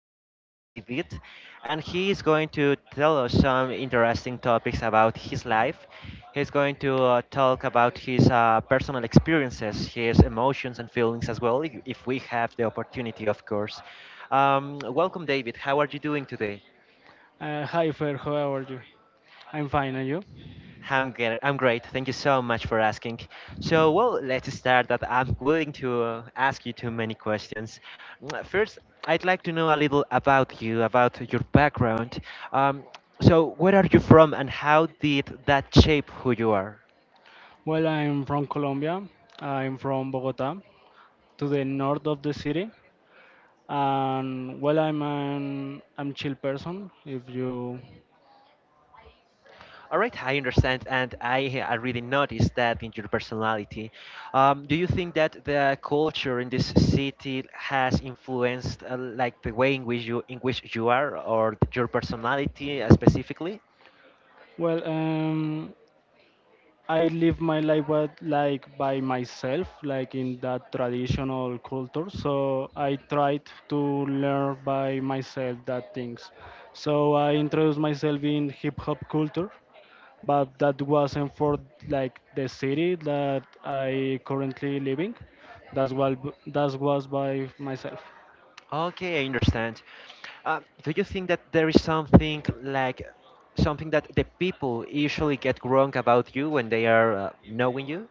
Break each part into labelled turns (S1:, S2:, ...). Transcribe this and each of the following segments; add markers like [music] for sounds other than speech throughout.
S1: His name is David, and he is going to tell us some interesting topics about his life. He's going to talk about his personal experiences, his emotions and feelings as well, if we have the opportunity, of course. Welcome, David. How are you doing today?
S2: Hi, Fer. How are you? I'm fine, and you?
S1: I'm great. I'm great. Thank you so much for asking. So, well, let's start that I'm willing to ask you too many questions. First, I'd like to know a little about you, about your background. Um, so, where are you from and how did that shape who you are?
S2: Well, I'm from Colombia. I'm from Bogota, to the north of the city. And well, I'm chill person. If you
S1: All right, I understand, and I really noticed that in your personality. Do you think that the culture in this city has influenced like the way in which you are or your personality specifically?
S2: well, I live my life with, like by myself, like in that traditional culture. So I tried to learn by myself that things. So I introduced myself in hip hop culture but that wasn't for like the city that I currently living. That's what that was by myself.
S1: Okay, I understand. Do you think that there is something like something that the people usually get wrong about you when they are knowing you?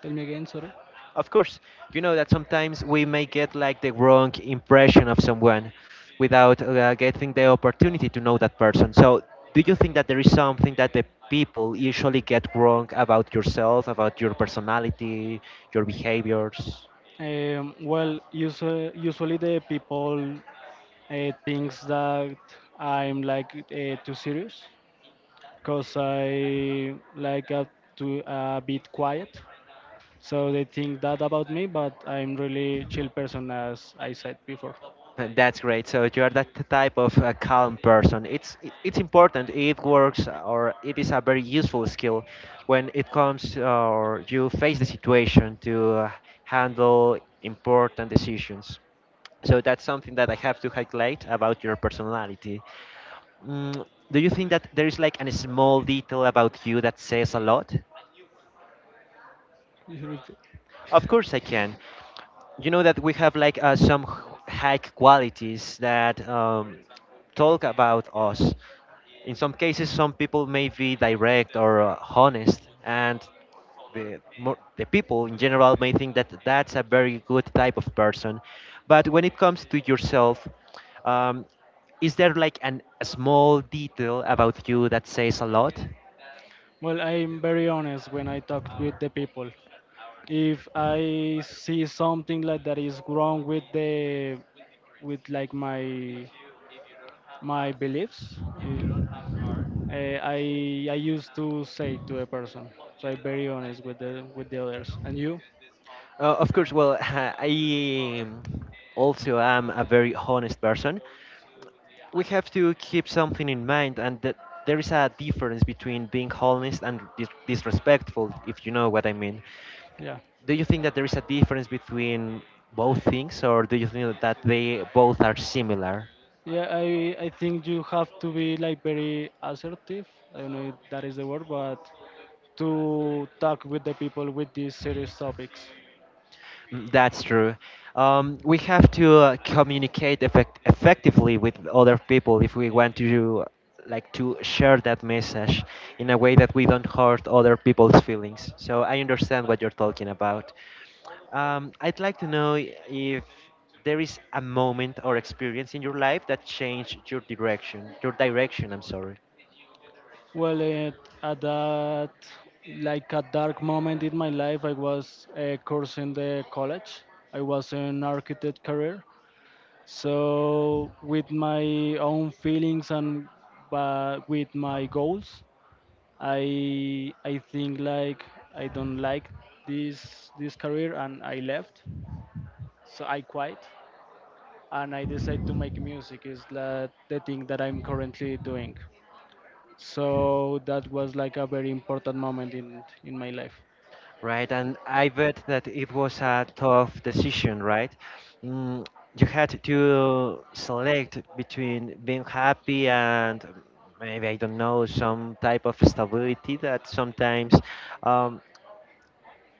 S2: Tell me again, sorry.
S1: Of course, you know that sometimes we may get like the wrong impression of someone without getting the opportunity to know that person. So, do you think that there is something that the people usually get wrong about yourself, about your personality, your behaviors?
S2: Well, usually the people thinks that I'm like too serious, cause I like to a bit quiet. So they think that about me, but I'm really chill person as I said before.
S1: That's great. So you are that type of calm person. It's important. It works, or it is a very useful skill when it comes or you face the situation to handle important decisions. So that's something that I have to highlight about your personality. Mm, do you think that there is like a small detail about you that says a lot?
S2: Europe-
S1: Of course I can. You know that we have like some high qualities that talk about us. In some cases, some people may be direct or honest, and the more, the people in general may think that that's a very good type of person. But when it comes to yourself, um, is there like a small detail about you that says a lot?
S2: Well, I'm very honest when I talk with the people. If I see something like that is wrong with the with like my beliefs, eh, eh, I I used to say to a person. So I'm very honest with the others. And you?
S1: Of course, well, [laughs] I also am a very honest person. We have to keep something in mind, and that there is a difference between being honest and disrespectful, if you know what I mean.
S2: Yeah.
S1: Do you think that there is a difference between both things, or do you think that they both are similar?
S2: Yeah, I think you have to be like very assertive. I don't know if that is the word, but to talk with the people with these serious topics.
S1: That's true. We have to communicate effectively with other people if we want to like to share that message in a way that we don't hurt other people's feelings. So I understand what you're talking about. I'd like to know if there is a moment or experience in your life that changed your direction. Your direction, I'm sorry.
S2: Well, at that like a dark moment in my life, I was cursing the college. I was an architect career, so with my own feelings and but with my goals, I think like I don't like this career and I left. So I quit and I decided to make music is that the thing that I'm currently doing. So that was like a very important moment in my life.
S1: Right, and I bet that it was a tough decision, right? Mm, you had to select between being happy and maybe, I don't know, some type of stability that sometimes um,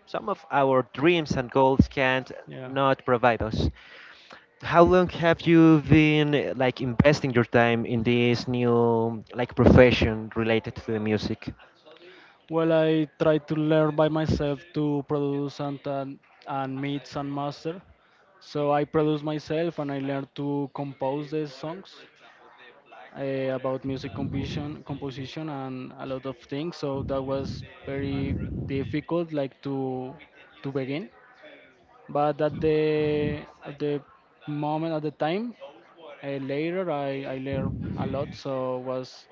S1: some of our dreams and goals can't
S2: Yeah.
S1: not provide us. How long have you been like investing your time in this new like profession related to the music?
S2: Well, I try to learn by myself to
S1: As
S2: produce and
S1: I
S2: and, and mix and master.
S1: mentioned,
S2: So I produce myself and I
S1: like
S2: learn to compose
S1: the
S2: the
S1: for
S2: songs.
S1: example, the black water
S2: About music
S1: we
S2: composition,
S1: use
S2: and a
S1: to
S2: lot of things. So
S1: to
S2: that
S1: use
S2: was
S1: the
S2: very
S1: bathroom, we
S2: difficult, like to
S1: can use it
S2: begin. But
S1: to be
S2: at the
S1: recycled. That
S2: moment, at the time,
S1: old water.
S2: later I learned a lot, so was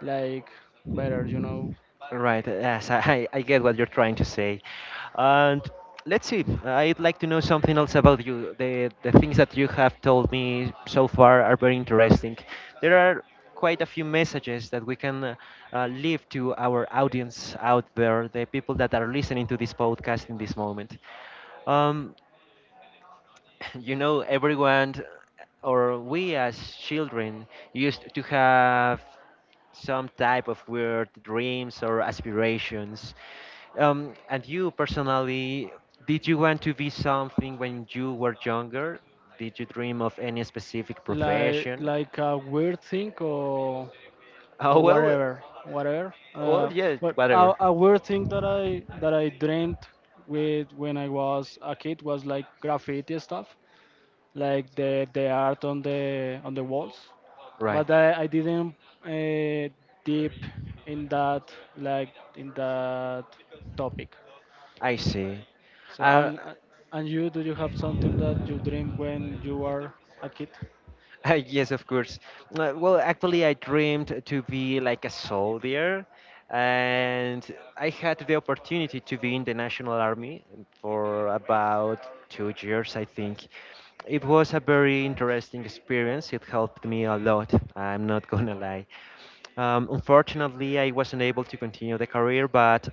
S2: like better, you know.
S1: Right, yes, [laughs] I get what you're trying to say. And let's see, I'd like to know something else about you. The things that you have told me so far are very interesting. There are quite a few messages that we can leave to our audience out there, the people that are listening to this podcast in this moment. Um, [laughs] you know everyone or we as children used to have some type of weird dreams or aspirations, and you personally, did you want to be something when you were younger? Did you dream of any specific profession?
S2: Like a weird thing
S1: Oh,
S2: or
S1: well.
S2: whatever whatever
S1: Well,
S2: uh,
S1: yeah,
S2: but
S1: whatever.
S2: a weird thing that I dreamed with when I was a kid was like graffiti stuff like the art on the walls
S1: Right.
S2: but I didn't uh, deep in that like in that topic
S1: I see.
S2: so
S1: uh,
S2: and you do you have something that you dream when you were a kid?
S1: [laughs] Yes, of course. Well, actually, I dreamed to be like a soldier, and I had the opportunity to be in the National Army for about 2 years, I think. It was a very interesting experience. It helped me a lot. I'm not [laughs] gonna lie. Unfortunately, I wasn't able to continue the career, but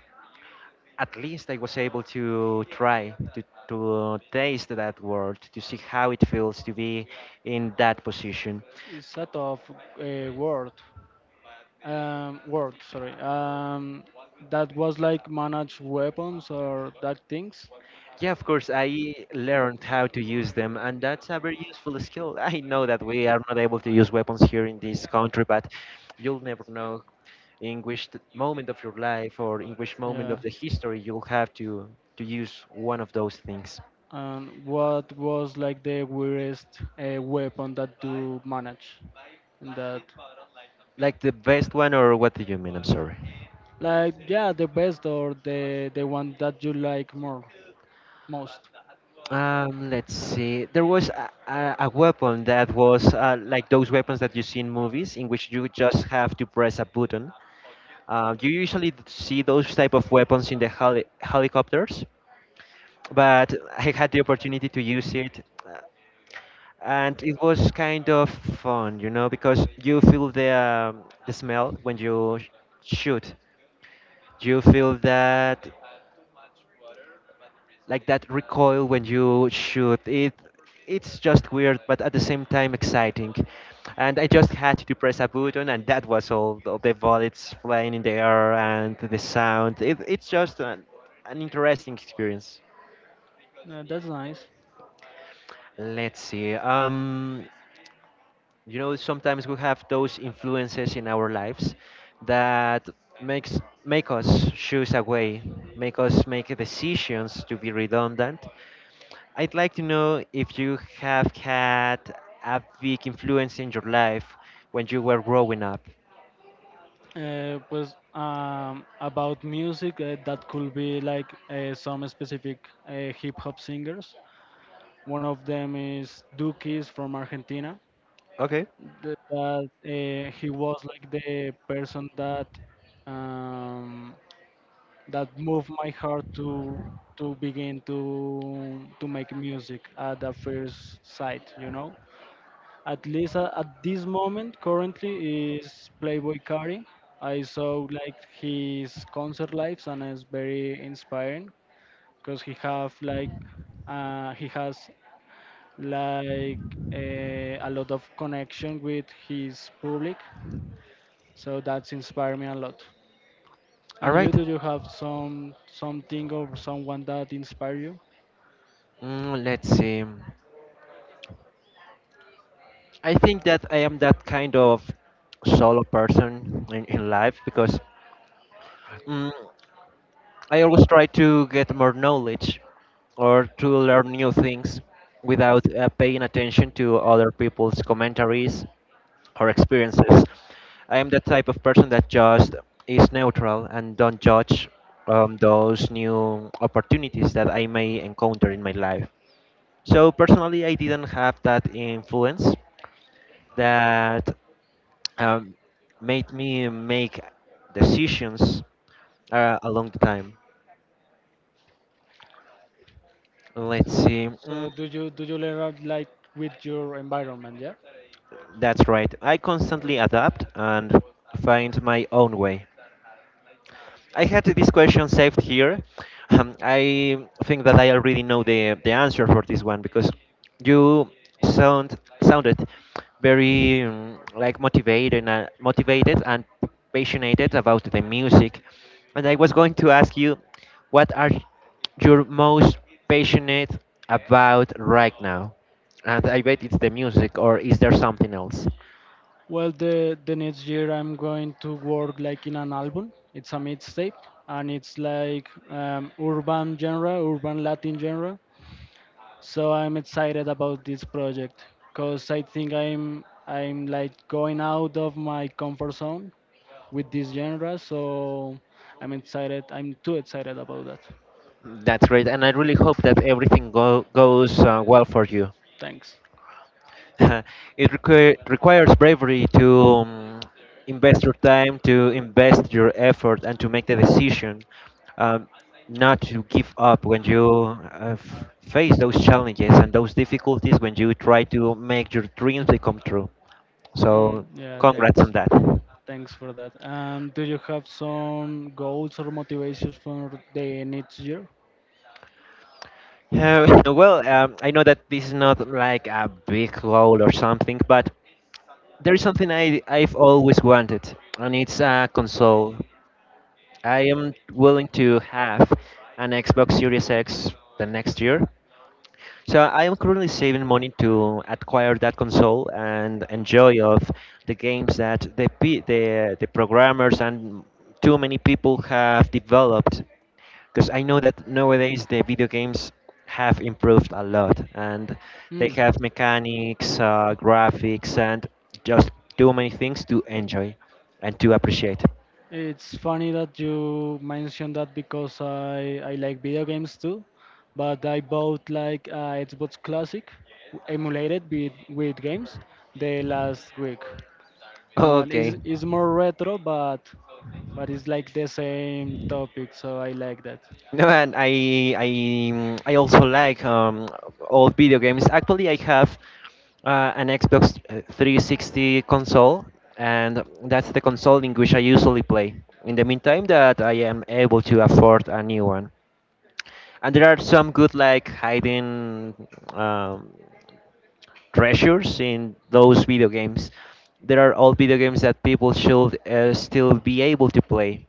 S1: at least I was able to try to taste that world, to see how it feels to be in that position.
S2: It's a tough word world, sorry, that was like manage weapons or that things.
S1: Yeah, of course, I learned how to use them, and that's a very useful skill. [laughs] I know that
S2: [laughs]
S1: we are not able to use weapons here in this country, but you'll never know in which moment of your life or in which moment of
S2: Yeah.
S1: the history you'll have to use one of those things.
S2: And what was like the weirdest weapon that you manage in that?
S1: Like the best one, or what do you mean? I'm sorry.
S2: Like yeah, the best or the one that you like more most.
S1: Let's see. There was a weapon that was like those weapons that you see in movies, in which you just have to press a button. You usually see those type of weapons in the helicopters, but I had the opportunity to use it. And it was kind of fun, you know, because you feel the smell when you shoot. You feel that like that recoil when you shoot. It's just weird, but at the same time exciting. And I just had to press a button, and that was all. The bullets flying in the air and the sound. It's just an interesting experience.
S2: That's nice.
S1: Let's see. You know sometimes we have those influences in our lives that makes make us choose a way, make us make decisions, to be redundant. I'd like to know if you have had a big influence in your life when you were growing up.
S2: Pues about music, that could be like some specific hip hop singers. One of them is Dukies from Argentina.
S1: Okay.
S2: That he was like the person that um, that moved my heart to begin to make music at the first sight, you know, at least at this moment currently is Playboy Carti. I saw like his concert lives and it's very inspiring because he have like he has like a lot of connection with his public so that's inspired me a lot
S1: All
S2: and
S1: right.
S2: you do you have some something or someone that inspire you.
S1: Let's see. I think that I am that kind of solo person in life because, Mm, I always try to get more knowledge or to learn new things without paying attention to other people's commentaries or experiences. I am the type of person that just is neutral and don't judge those new opportunities that I may encounter in my life. So personally, I didn't have that influence that um, made me make decisions a long time. Let's see.
S2: So do you learn like with your environment? Yeah.
S1: That's right. I
S2: Alright.
S1: constantly adapt and find my own way. I had this question saved here. I think that I already know the answer for this one because you sounded very like motivated and passionate about the music, and I was going to ask you, what are you most passionate about right now? And I bet it's the music, or is there something else?
S2: Well, the next year I'm going to work like in an album. It's a mixtape, and it's like urban genre, urban Latin genre. So I'm excited about this project because I think I'm like going out of my comfort zone with this genre. So I'm excited. I'm too excited about that.
S1: That's great, and I really hope that everything goes well for you.
S2: Thanks.
S1: [laughs] It requires bravery to invest your time, to invest your effort, and to make the decision, um, not to give up when you face those challenges and those difficulties when you try to make your dreams become true.
S2: Mm,
S1: So,
S2: yeah,
S1: congrats on
S2: thanks.
S1: that.
S2: Thanks for that. And do you have some goals or motivations for the next year?
S1: [laughs] Well, I know that this is not like a big goal or something, but there is something I've always wanted, and it's a console. I am willing to have an Xbox Series X the next year. So I am currently saving money to acquire that console and enjoy of the games that the the programmers and too many people have developed. Because I know that nowadays the video games have improved a lot, and they
S2: Mm.
S1: have mechanics, graphics, and just too many things to enjoy and to appreciate.
S2: It's funny that you mentioned that because I like video games too, but I bought like a Xbox Classic emulated with games the last week. And one
S1: Okay.
S2: is more retro, but it's like the same topic, so I like that.
S1: No, and I I also like old video games. Actually, I have an Xbox 360 console, and that's the console in which I usually play. In the meantime, that I am able to afford a new one, and there are some good like hiding um, treasures in those video games. There are old video games that people should still be able to play.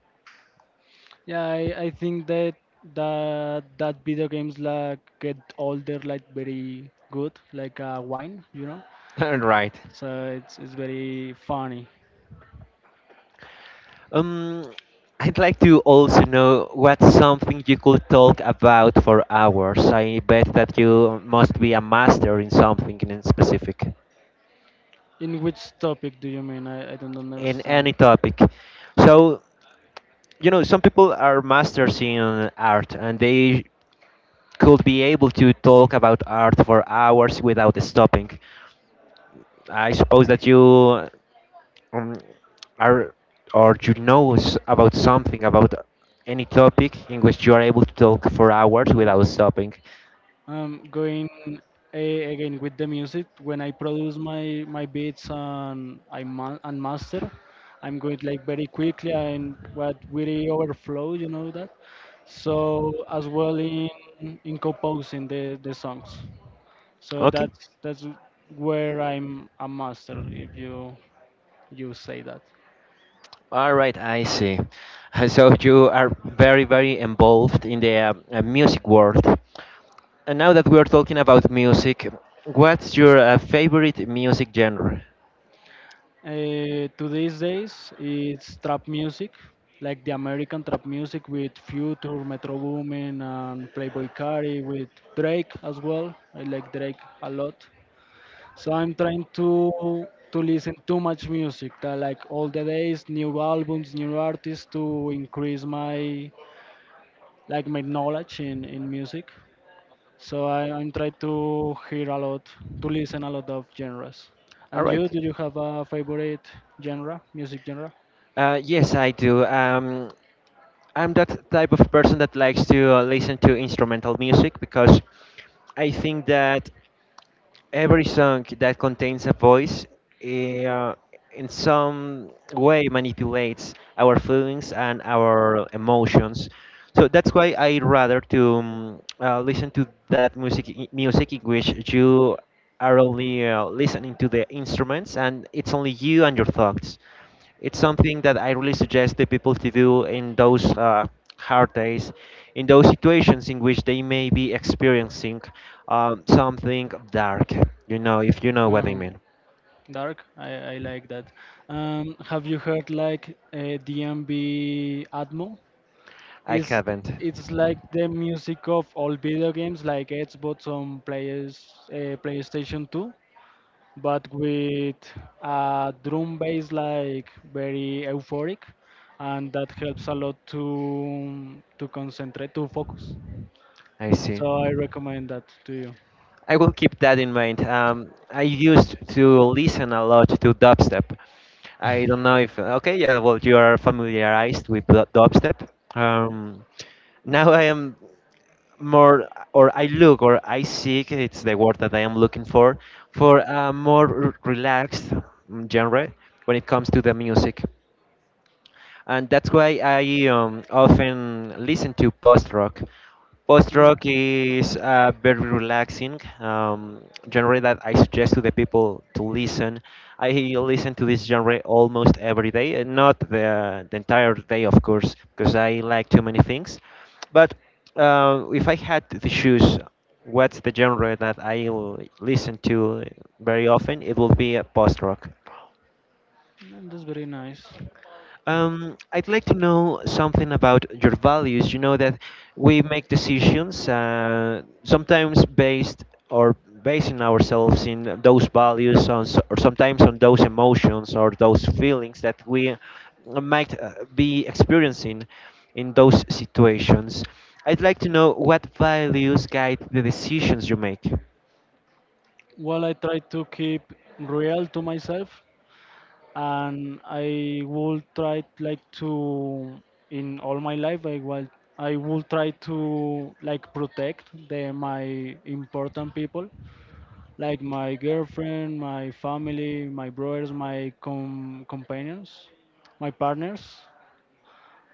S2: Yeah, I think that that video games like get older like very good, like wine, you know.
S1: [laughs] Right.
S2: So it's very funny.
S1: Um, I'd like to also know what's something you could talk about for hours. I bet that you must be a master in something in specific,
S2: In which topic do you mean? I don't
S1: in
S2: understand.
S1: any topic. So, you know, some people are masters in art and they could be able to talk about art for hours without stopping. I suppose that you um, are or you know about something about any topic in which you are able to talk for hours without stopping.
S2: Going a, again with the music, when I produce my beats and I ma- and master, I'm going like very quickly and what really overflow, you know that. So as well in composing the songs. So
S1: Okay.
S2: that's where I'm a master, if you you say that.
S1: All right, I see. [laughs] So you are very, very involved in the music world. And now that we are talking about music, what's your favorite music genre?
S2: To these days, it's trap music, like the American trap music with Future, Metro Boomin, and Playboy Carti, with Drake as well. I like Drake a lot. So I'm trying to listen too much music, that like all the days, new albums, new artists to increase my like my knowledge in music. So I'm try to hear a lot, to listen a lot of genres.
S1: All
S2: And
S1: right.
S2: you, do you have a favorite genre, music genre?
S1: Yes, I do. I'm that type of person that likes to listen to instrumental music because I think that. Every song that contains a voice eh, uh, in some way manipulates our feelings and our emotions. So that's why I rather to listen to that music in which you are only listening to the instruments, and it's only you and your thoughts. It's something that I really suggest the people to do in those hard days, in those situations in which they may be experiencing something dark. You know, if you know what I
S2: Um,
S1: mean.
S2: Dark, I like that. Have you heard like DMB Atmo?
S1: I
S2: It's
S1: haven't.
S2: it's like the music of all video games, like Xbox on players PlayStation 2, but with a drum bass like very euphoric, and that helps a lot to concentrate, to focus.
S1: I see.
S2: So I recommend that to you.
S1: I will keep that in mind. I used to listen a lot to dubstep. I don't know if okay, yeah, well, you are familiarized with dubstep. Um, Now I am more, or I look, or I seek. It's the word that I am looking for a more relaxed, genre when it comes to the music, and that's why I often listen to post rock. Post rock is a very relaxing genre that I suggest to the people to listen. I listen to this genre almost every day, and not the entire day, of course, because I like too many things. But if I had to choose what's the genre that I listen to very often, it will be post rock.
S2: Mm, that's very nice.
S1: I'd like to know something about your values. You know that we make decisions sometimes based, or basing ourselves in those values on, or sometimes on those emotions or those feelings that we might be experiencing in those situations. I'd like to know what values guide the decisions you make.
S2: Well, I try to keep real to myself and I will try like to in all my life I will try to like protect the my important people like my girlfriend, my family, my brothers, my companions, my partners.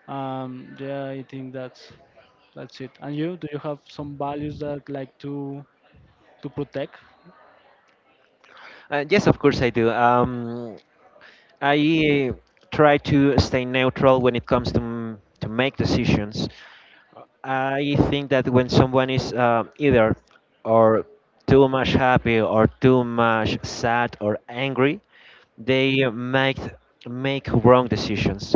S2: Yeah, I think that's it. And you, do you have some values that like to protect?
S1: Yes, of course I do. I try to stay neutral when it comes to to make decisions. I think that when someone is either, or too much happy or too much sad or angry, they make wrong decisions.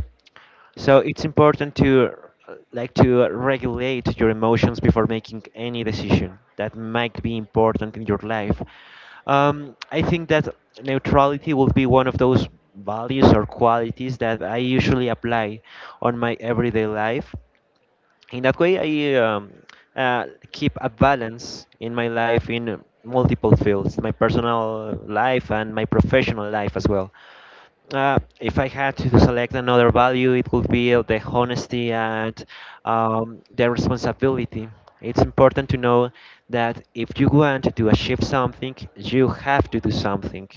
S1: So it's important to like to regulate your emotions before making any decision that might be important in your life. I think that neutrality will be one of those values or qualities that I usually apply on my everyday life. In that way, I uh, keep a balance in my life in multiple fields, my personal life and my professional life as well. If I had to select another value, it would be of the honesty and the responsibility. It's important to know that if you want to achieve something, you have to do something.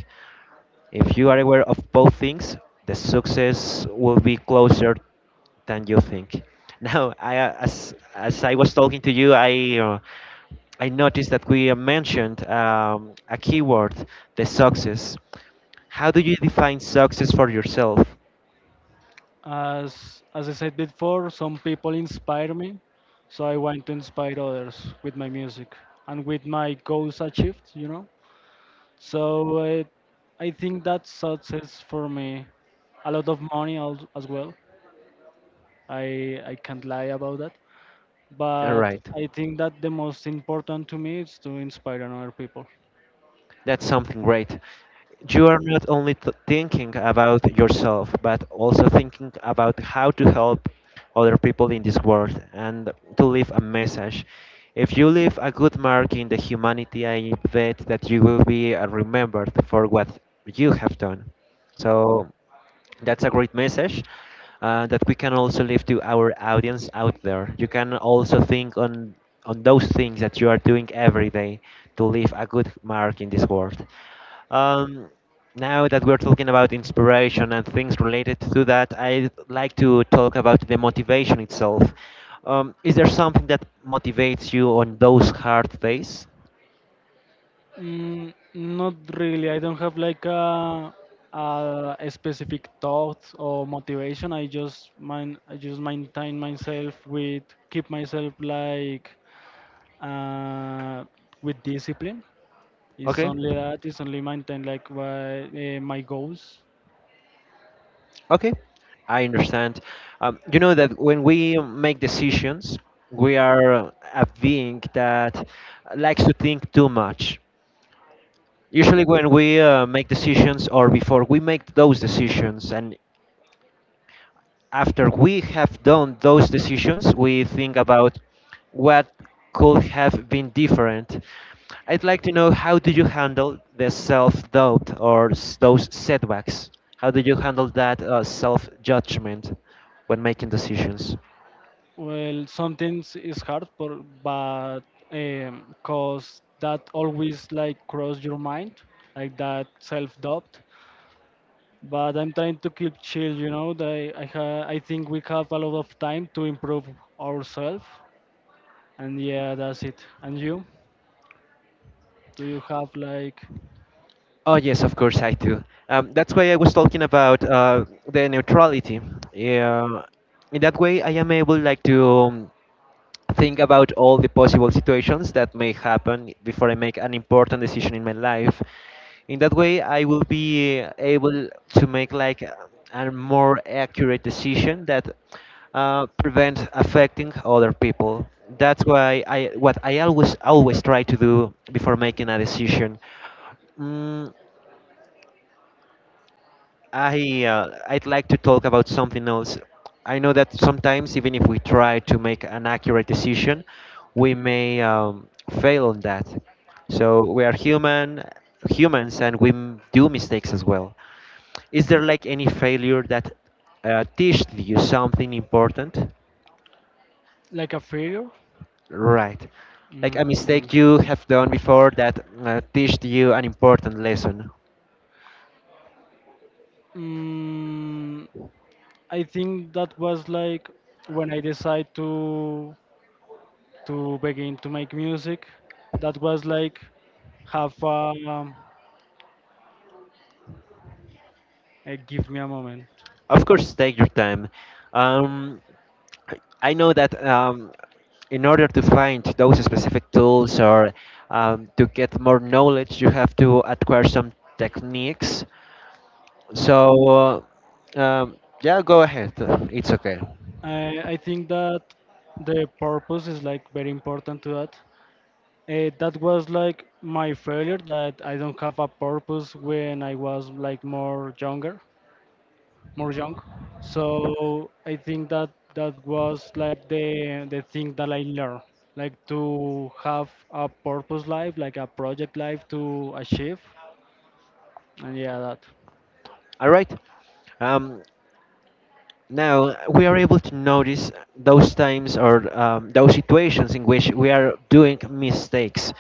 S1: If you are aware of both things, the success will be closer than you think. [laughs] Now, I, as I was talking to you, uh, I noticed that we mentioned a keyword, the success. How do you define success for yourself?
S2: As I said before, some people inspire me, so I want to inspire others with my music and with my goals achieved, you know. So I think that's success for me. A lot of money as well. I can't lie about that.
S1: All
S2: But
S1: right,
S2: I think that the most important to me is to inspire another people.
S1: that's something great. You are not only thinking about yourself, but also thinking about how to help other people in this world and to leave a message. If you leave a good mark in the humanity, I bet that you will be remembered for what you have done. So, that's a great message that we can also leave to our audience out there. You can also think on those things that you are doing every day to leave a good mark in this world. Um, Now that we're talking about inspiration and things related to that, I'd like to talk about the motivation itself. Is there something that motivates you on those hard days?
S2: Mm, not really. I don't have like a specific thought or motivation. I just mind I just maintain myself with keep myself like uh, with discipline. It's
S1: Okay.
S2: only that. It's only maintain like my, my goals.
S1: Okay, I understand. You know that when we make decisions, we are a being that likes to think too much. Usually, when we make decisions or before we make those decisions, and after we have done those decisions, we think about what could have been different. I'd like to know how do you handle the self-doubt or those setbacks? How do you handle that self-judgment when making decisions?
S2: Well, sometimes it's hard, but cause that always like cross your mind, like that self doubt but I'm trying to keep chill. You know, that I think we have a lot of time to improve ourselves, and yeah, that's it. And you, do you have
S1: Oh yes, of course I do. That's why I was talking about the neutrality. Yeah, in that way I am able like to think about all the possible situations that may happen before I make an important decision in my life. In that way, I will be able to make like a more accurate decision that prevents affecting other people. That's why I what I always try to do before making a decision. Mm, I I'd like to talk about something else. I know that sometimes, even if we try to make an accurate decision, we may fail on that. So we are humans, and we do mistakes as well. Is there like any failure that teached you something important?
S2: like a failure?
S1: Right, like a
S2: Mm,
S1: mistake you have done before that teached you an important lesson.
S2: mm, I think that was like when I decided to begin to make music. That was like have a give me a moment.
S1: Of course, take your time. Um, I know that in order to find those specific tools or to get more knowledge, you have to acquire some techniques. So, uh, um, yeah, go ahead. It's okay.
S2: I think that the purpose is like very important to that. That was like my failure that I don't have a purpose when I was like more younger, more young. So I think that that was like the thing that I learned, like to have a purpose life, like a project life to achieve, and yeah, that.
S1: All right. Um, Now we are able to notice those times or those situations in which we are doing mistakes.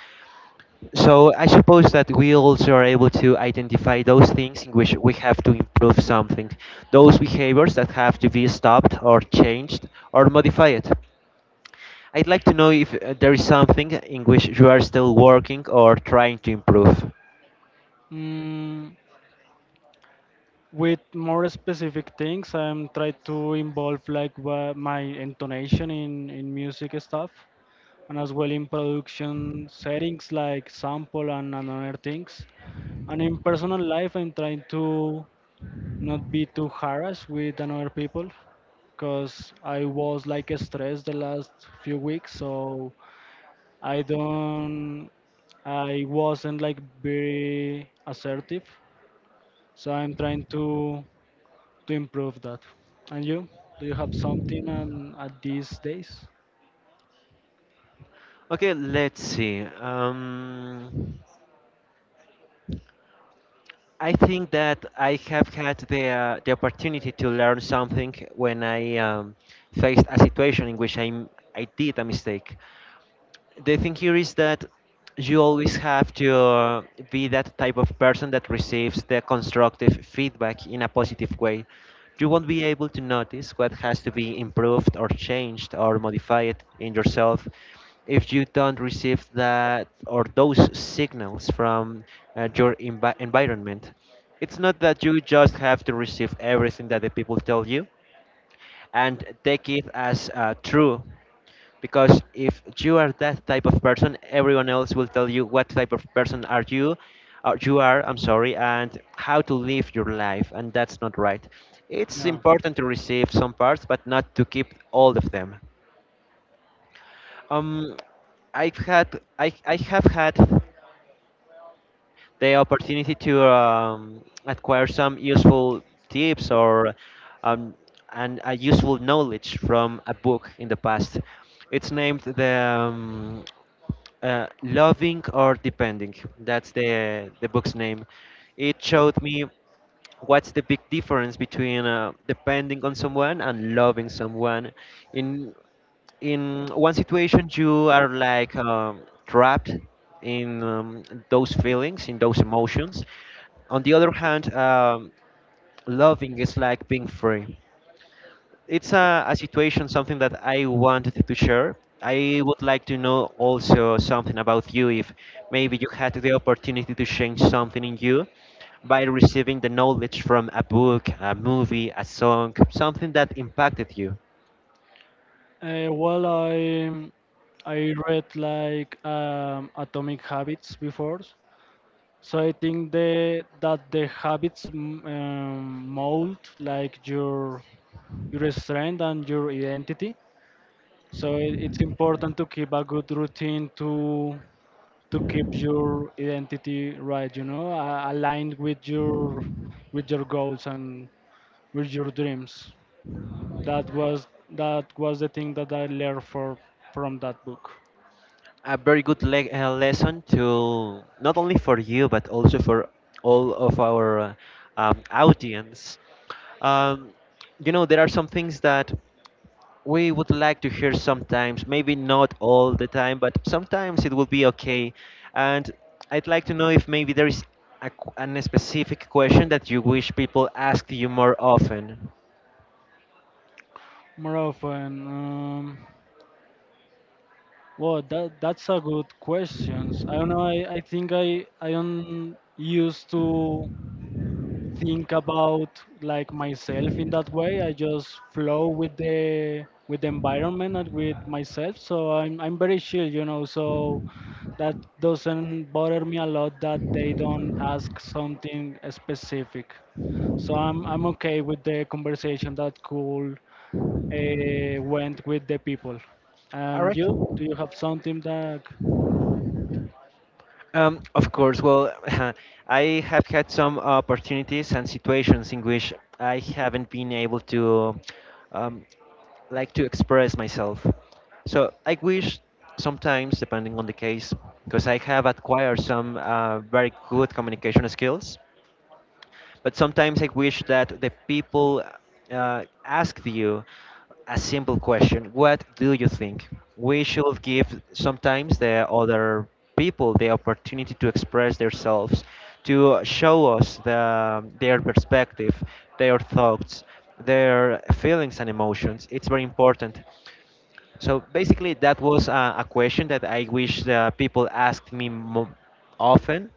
S1: So I suppose that we also are able to identify those things in which we have to improve something, those behaviors that have to be stopped or changed or modified. I'd like to know if there is something in which you are still working or trying to improve.
S2: Mm, with more specific things, I'm trying to involve like my intonation in music stuff and as well in production settings like sample and other things. And in personal life, I'm trying to not be too harassed with another people because I was like stressed the last few weeks, so I don't, I wasn't like very assertive. So I'm trying to improve that. And you, do you have something at these days?
S1: Okay, let's see. I think that I have had the opportunity to learn something when I faced a situation in which I did a mistake. The thing here is that you always have to be that type of person that receives the constructive feedback in a positive way. You won't be able to notice what has to be improved or changed or modified in yourself if you don't receive that or those signals from your environment. It's not that you just have to receive everything that the people tell you and take it as true, because if you are that type of person, everyone else will tell you what type of person are you, you are, I'm sorry, and how to live your life, and that's not right. It's
S2: Yeah.
S1: important to receive some parts but not to keep all of them. um I have had the opportunity to acquire some useful tips or um, and a useful knowledge from a book in the past. It's named the um, Loving or Depending. That's the book's name. It showed me what's the big difference between depending on someone and loving someone. in in one situation you are like trapped in those feelings, in those emotions. On the other hand, loving is like being free. It's a situation, something that I wanted to share. I would like to know also something about you, if maybe you had the opportunity to change something in you by receiving the knowledge from a book, a movie, a song, something that impacted you.
S2: Well, I read like Atomic Habits before, so I think the that the habits mold like your strength and your identity. So it, it's important to keep a good routine to keep your identity right, you know, aligned with your goals and with your dreams. That was that was the thing that I learned for from that book.
S1: A very good lesson, to not only for you but also for all of our audience. Um, you know, there are some things that we would like to hear sometimes, maybe not all the time, but sometimes it will be okay. And I'd like to know if maybe there is an specific question that you wish people asked you more often.
S2: More often, well, that that's a good question. I don't know. I think I don't used to think about like myself in that way. I just flow with the environment and with myself. So I'm very chill, you know. So that doesn't bother me a lot that they don't ask something specific. So I'm okay with the conversation that cool went with the people.
S1: All
S2: And
S1: right.
S2: you, do you have something that?
S1: Of course. Well, [laughs] I have had some opportunities and situations in which I haven't been able to. Um, like to express myself. So I wish sometimes, depending on the case, because I have acquired some very good communication skills. But sometimes I wish that the people asked you a simple question: What do you think? We should give sometimes the other people the opportunity to express themselves, to show us the, their perspective, their thoughts, their feelings and emotions. It's very important. So basically, that was a question that I wish the people asked me often,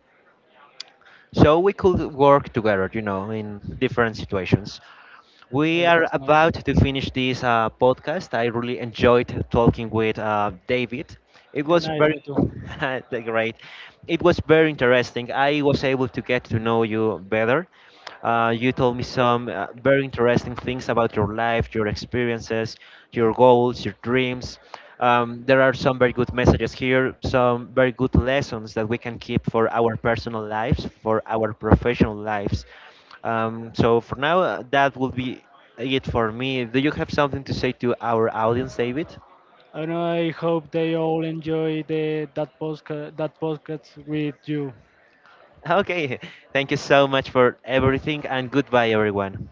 S1: so we could work together, you know, in different situations. We
S2: Well,
S1: are
S2: that's nice.
S1: about to finish this podcast. I really enjoyed talking with David. It
S2: Yeah,
S1: was
S2: nice,
S1: very
S2: me too.
S1: [laughs] great. It was very interesting. I was able to get to know you better. You told me some very interesting things about your life, your experiences, your goals, your dreams. There are some very good messages here, some very good lessons that we can keep for our personal lives, for our professional lives. So for now, that will be it for me. Do you have something to say to our audience, David?
S2: And I hope they all enjoy the that podcast with you.
S1: Okay, [laughs] thank you so much for everything, and goodbye, everyone.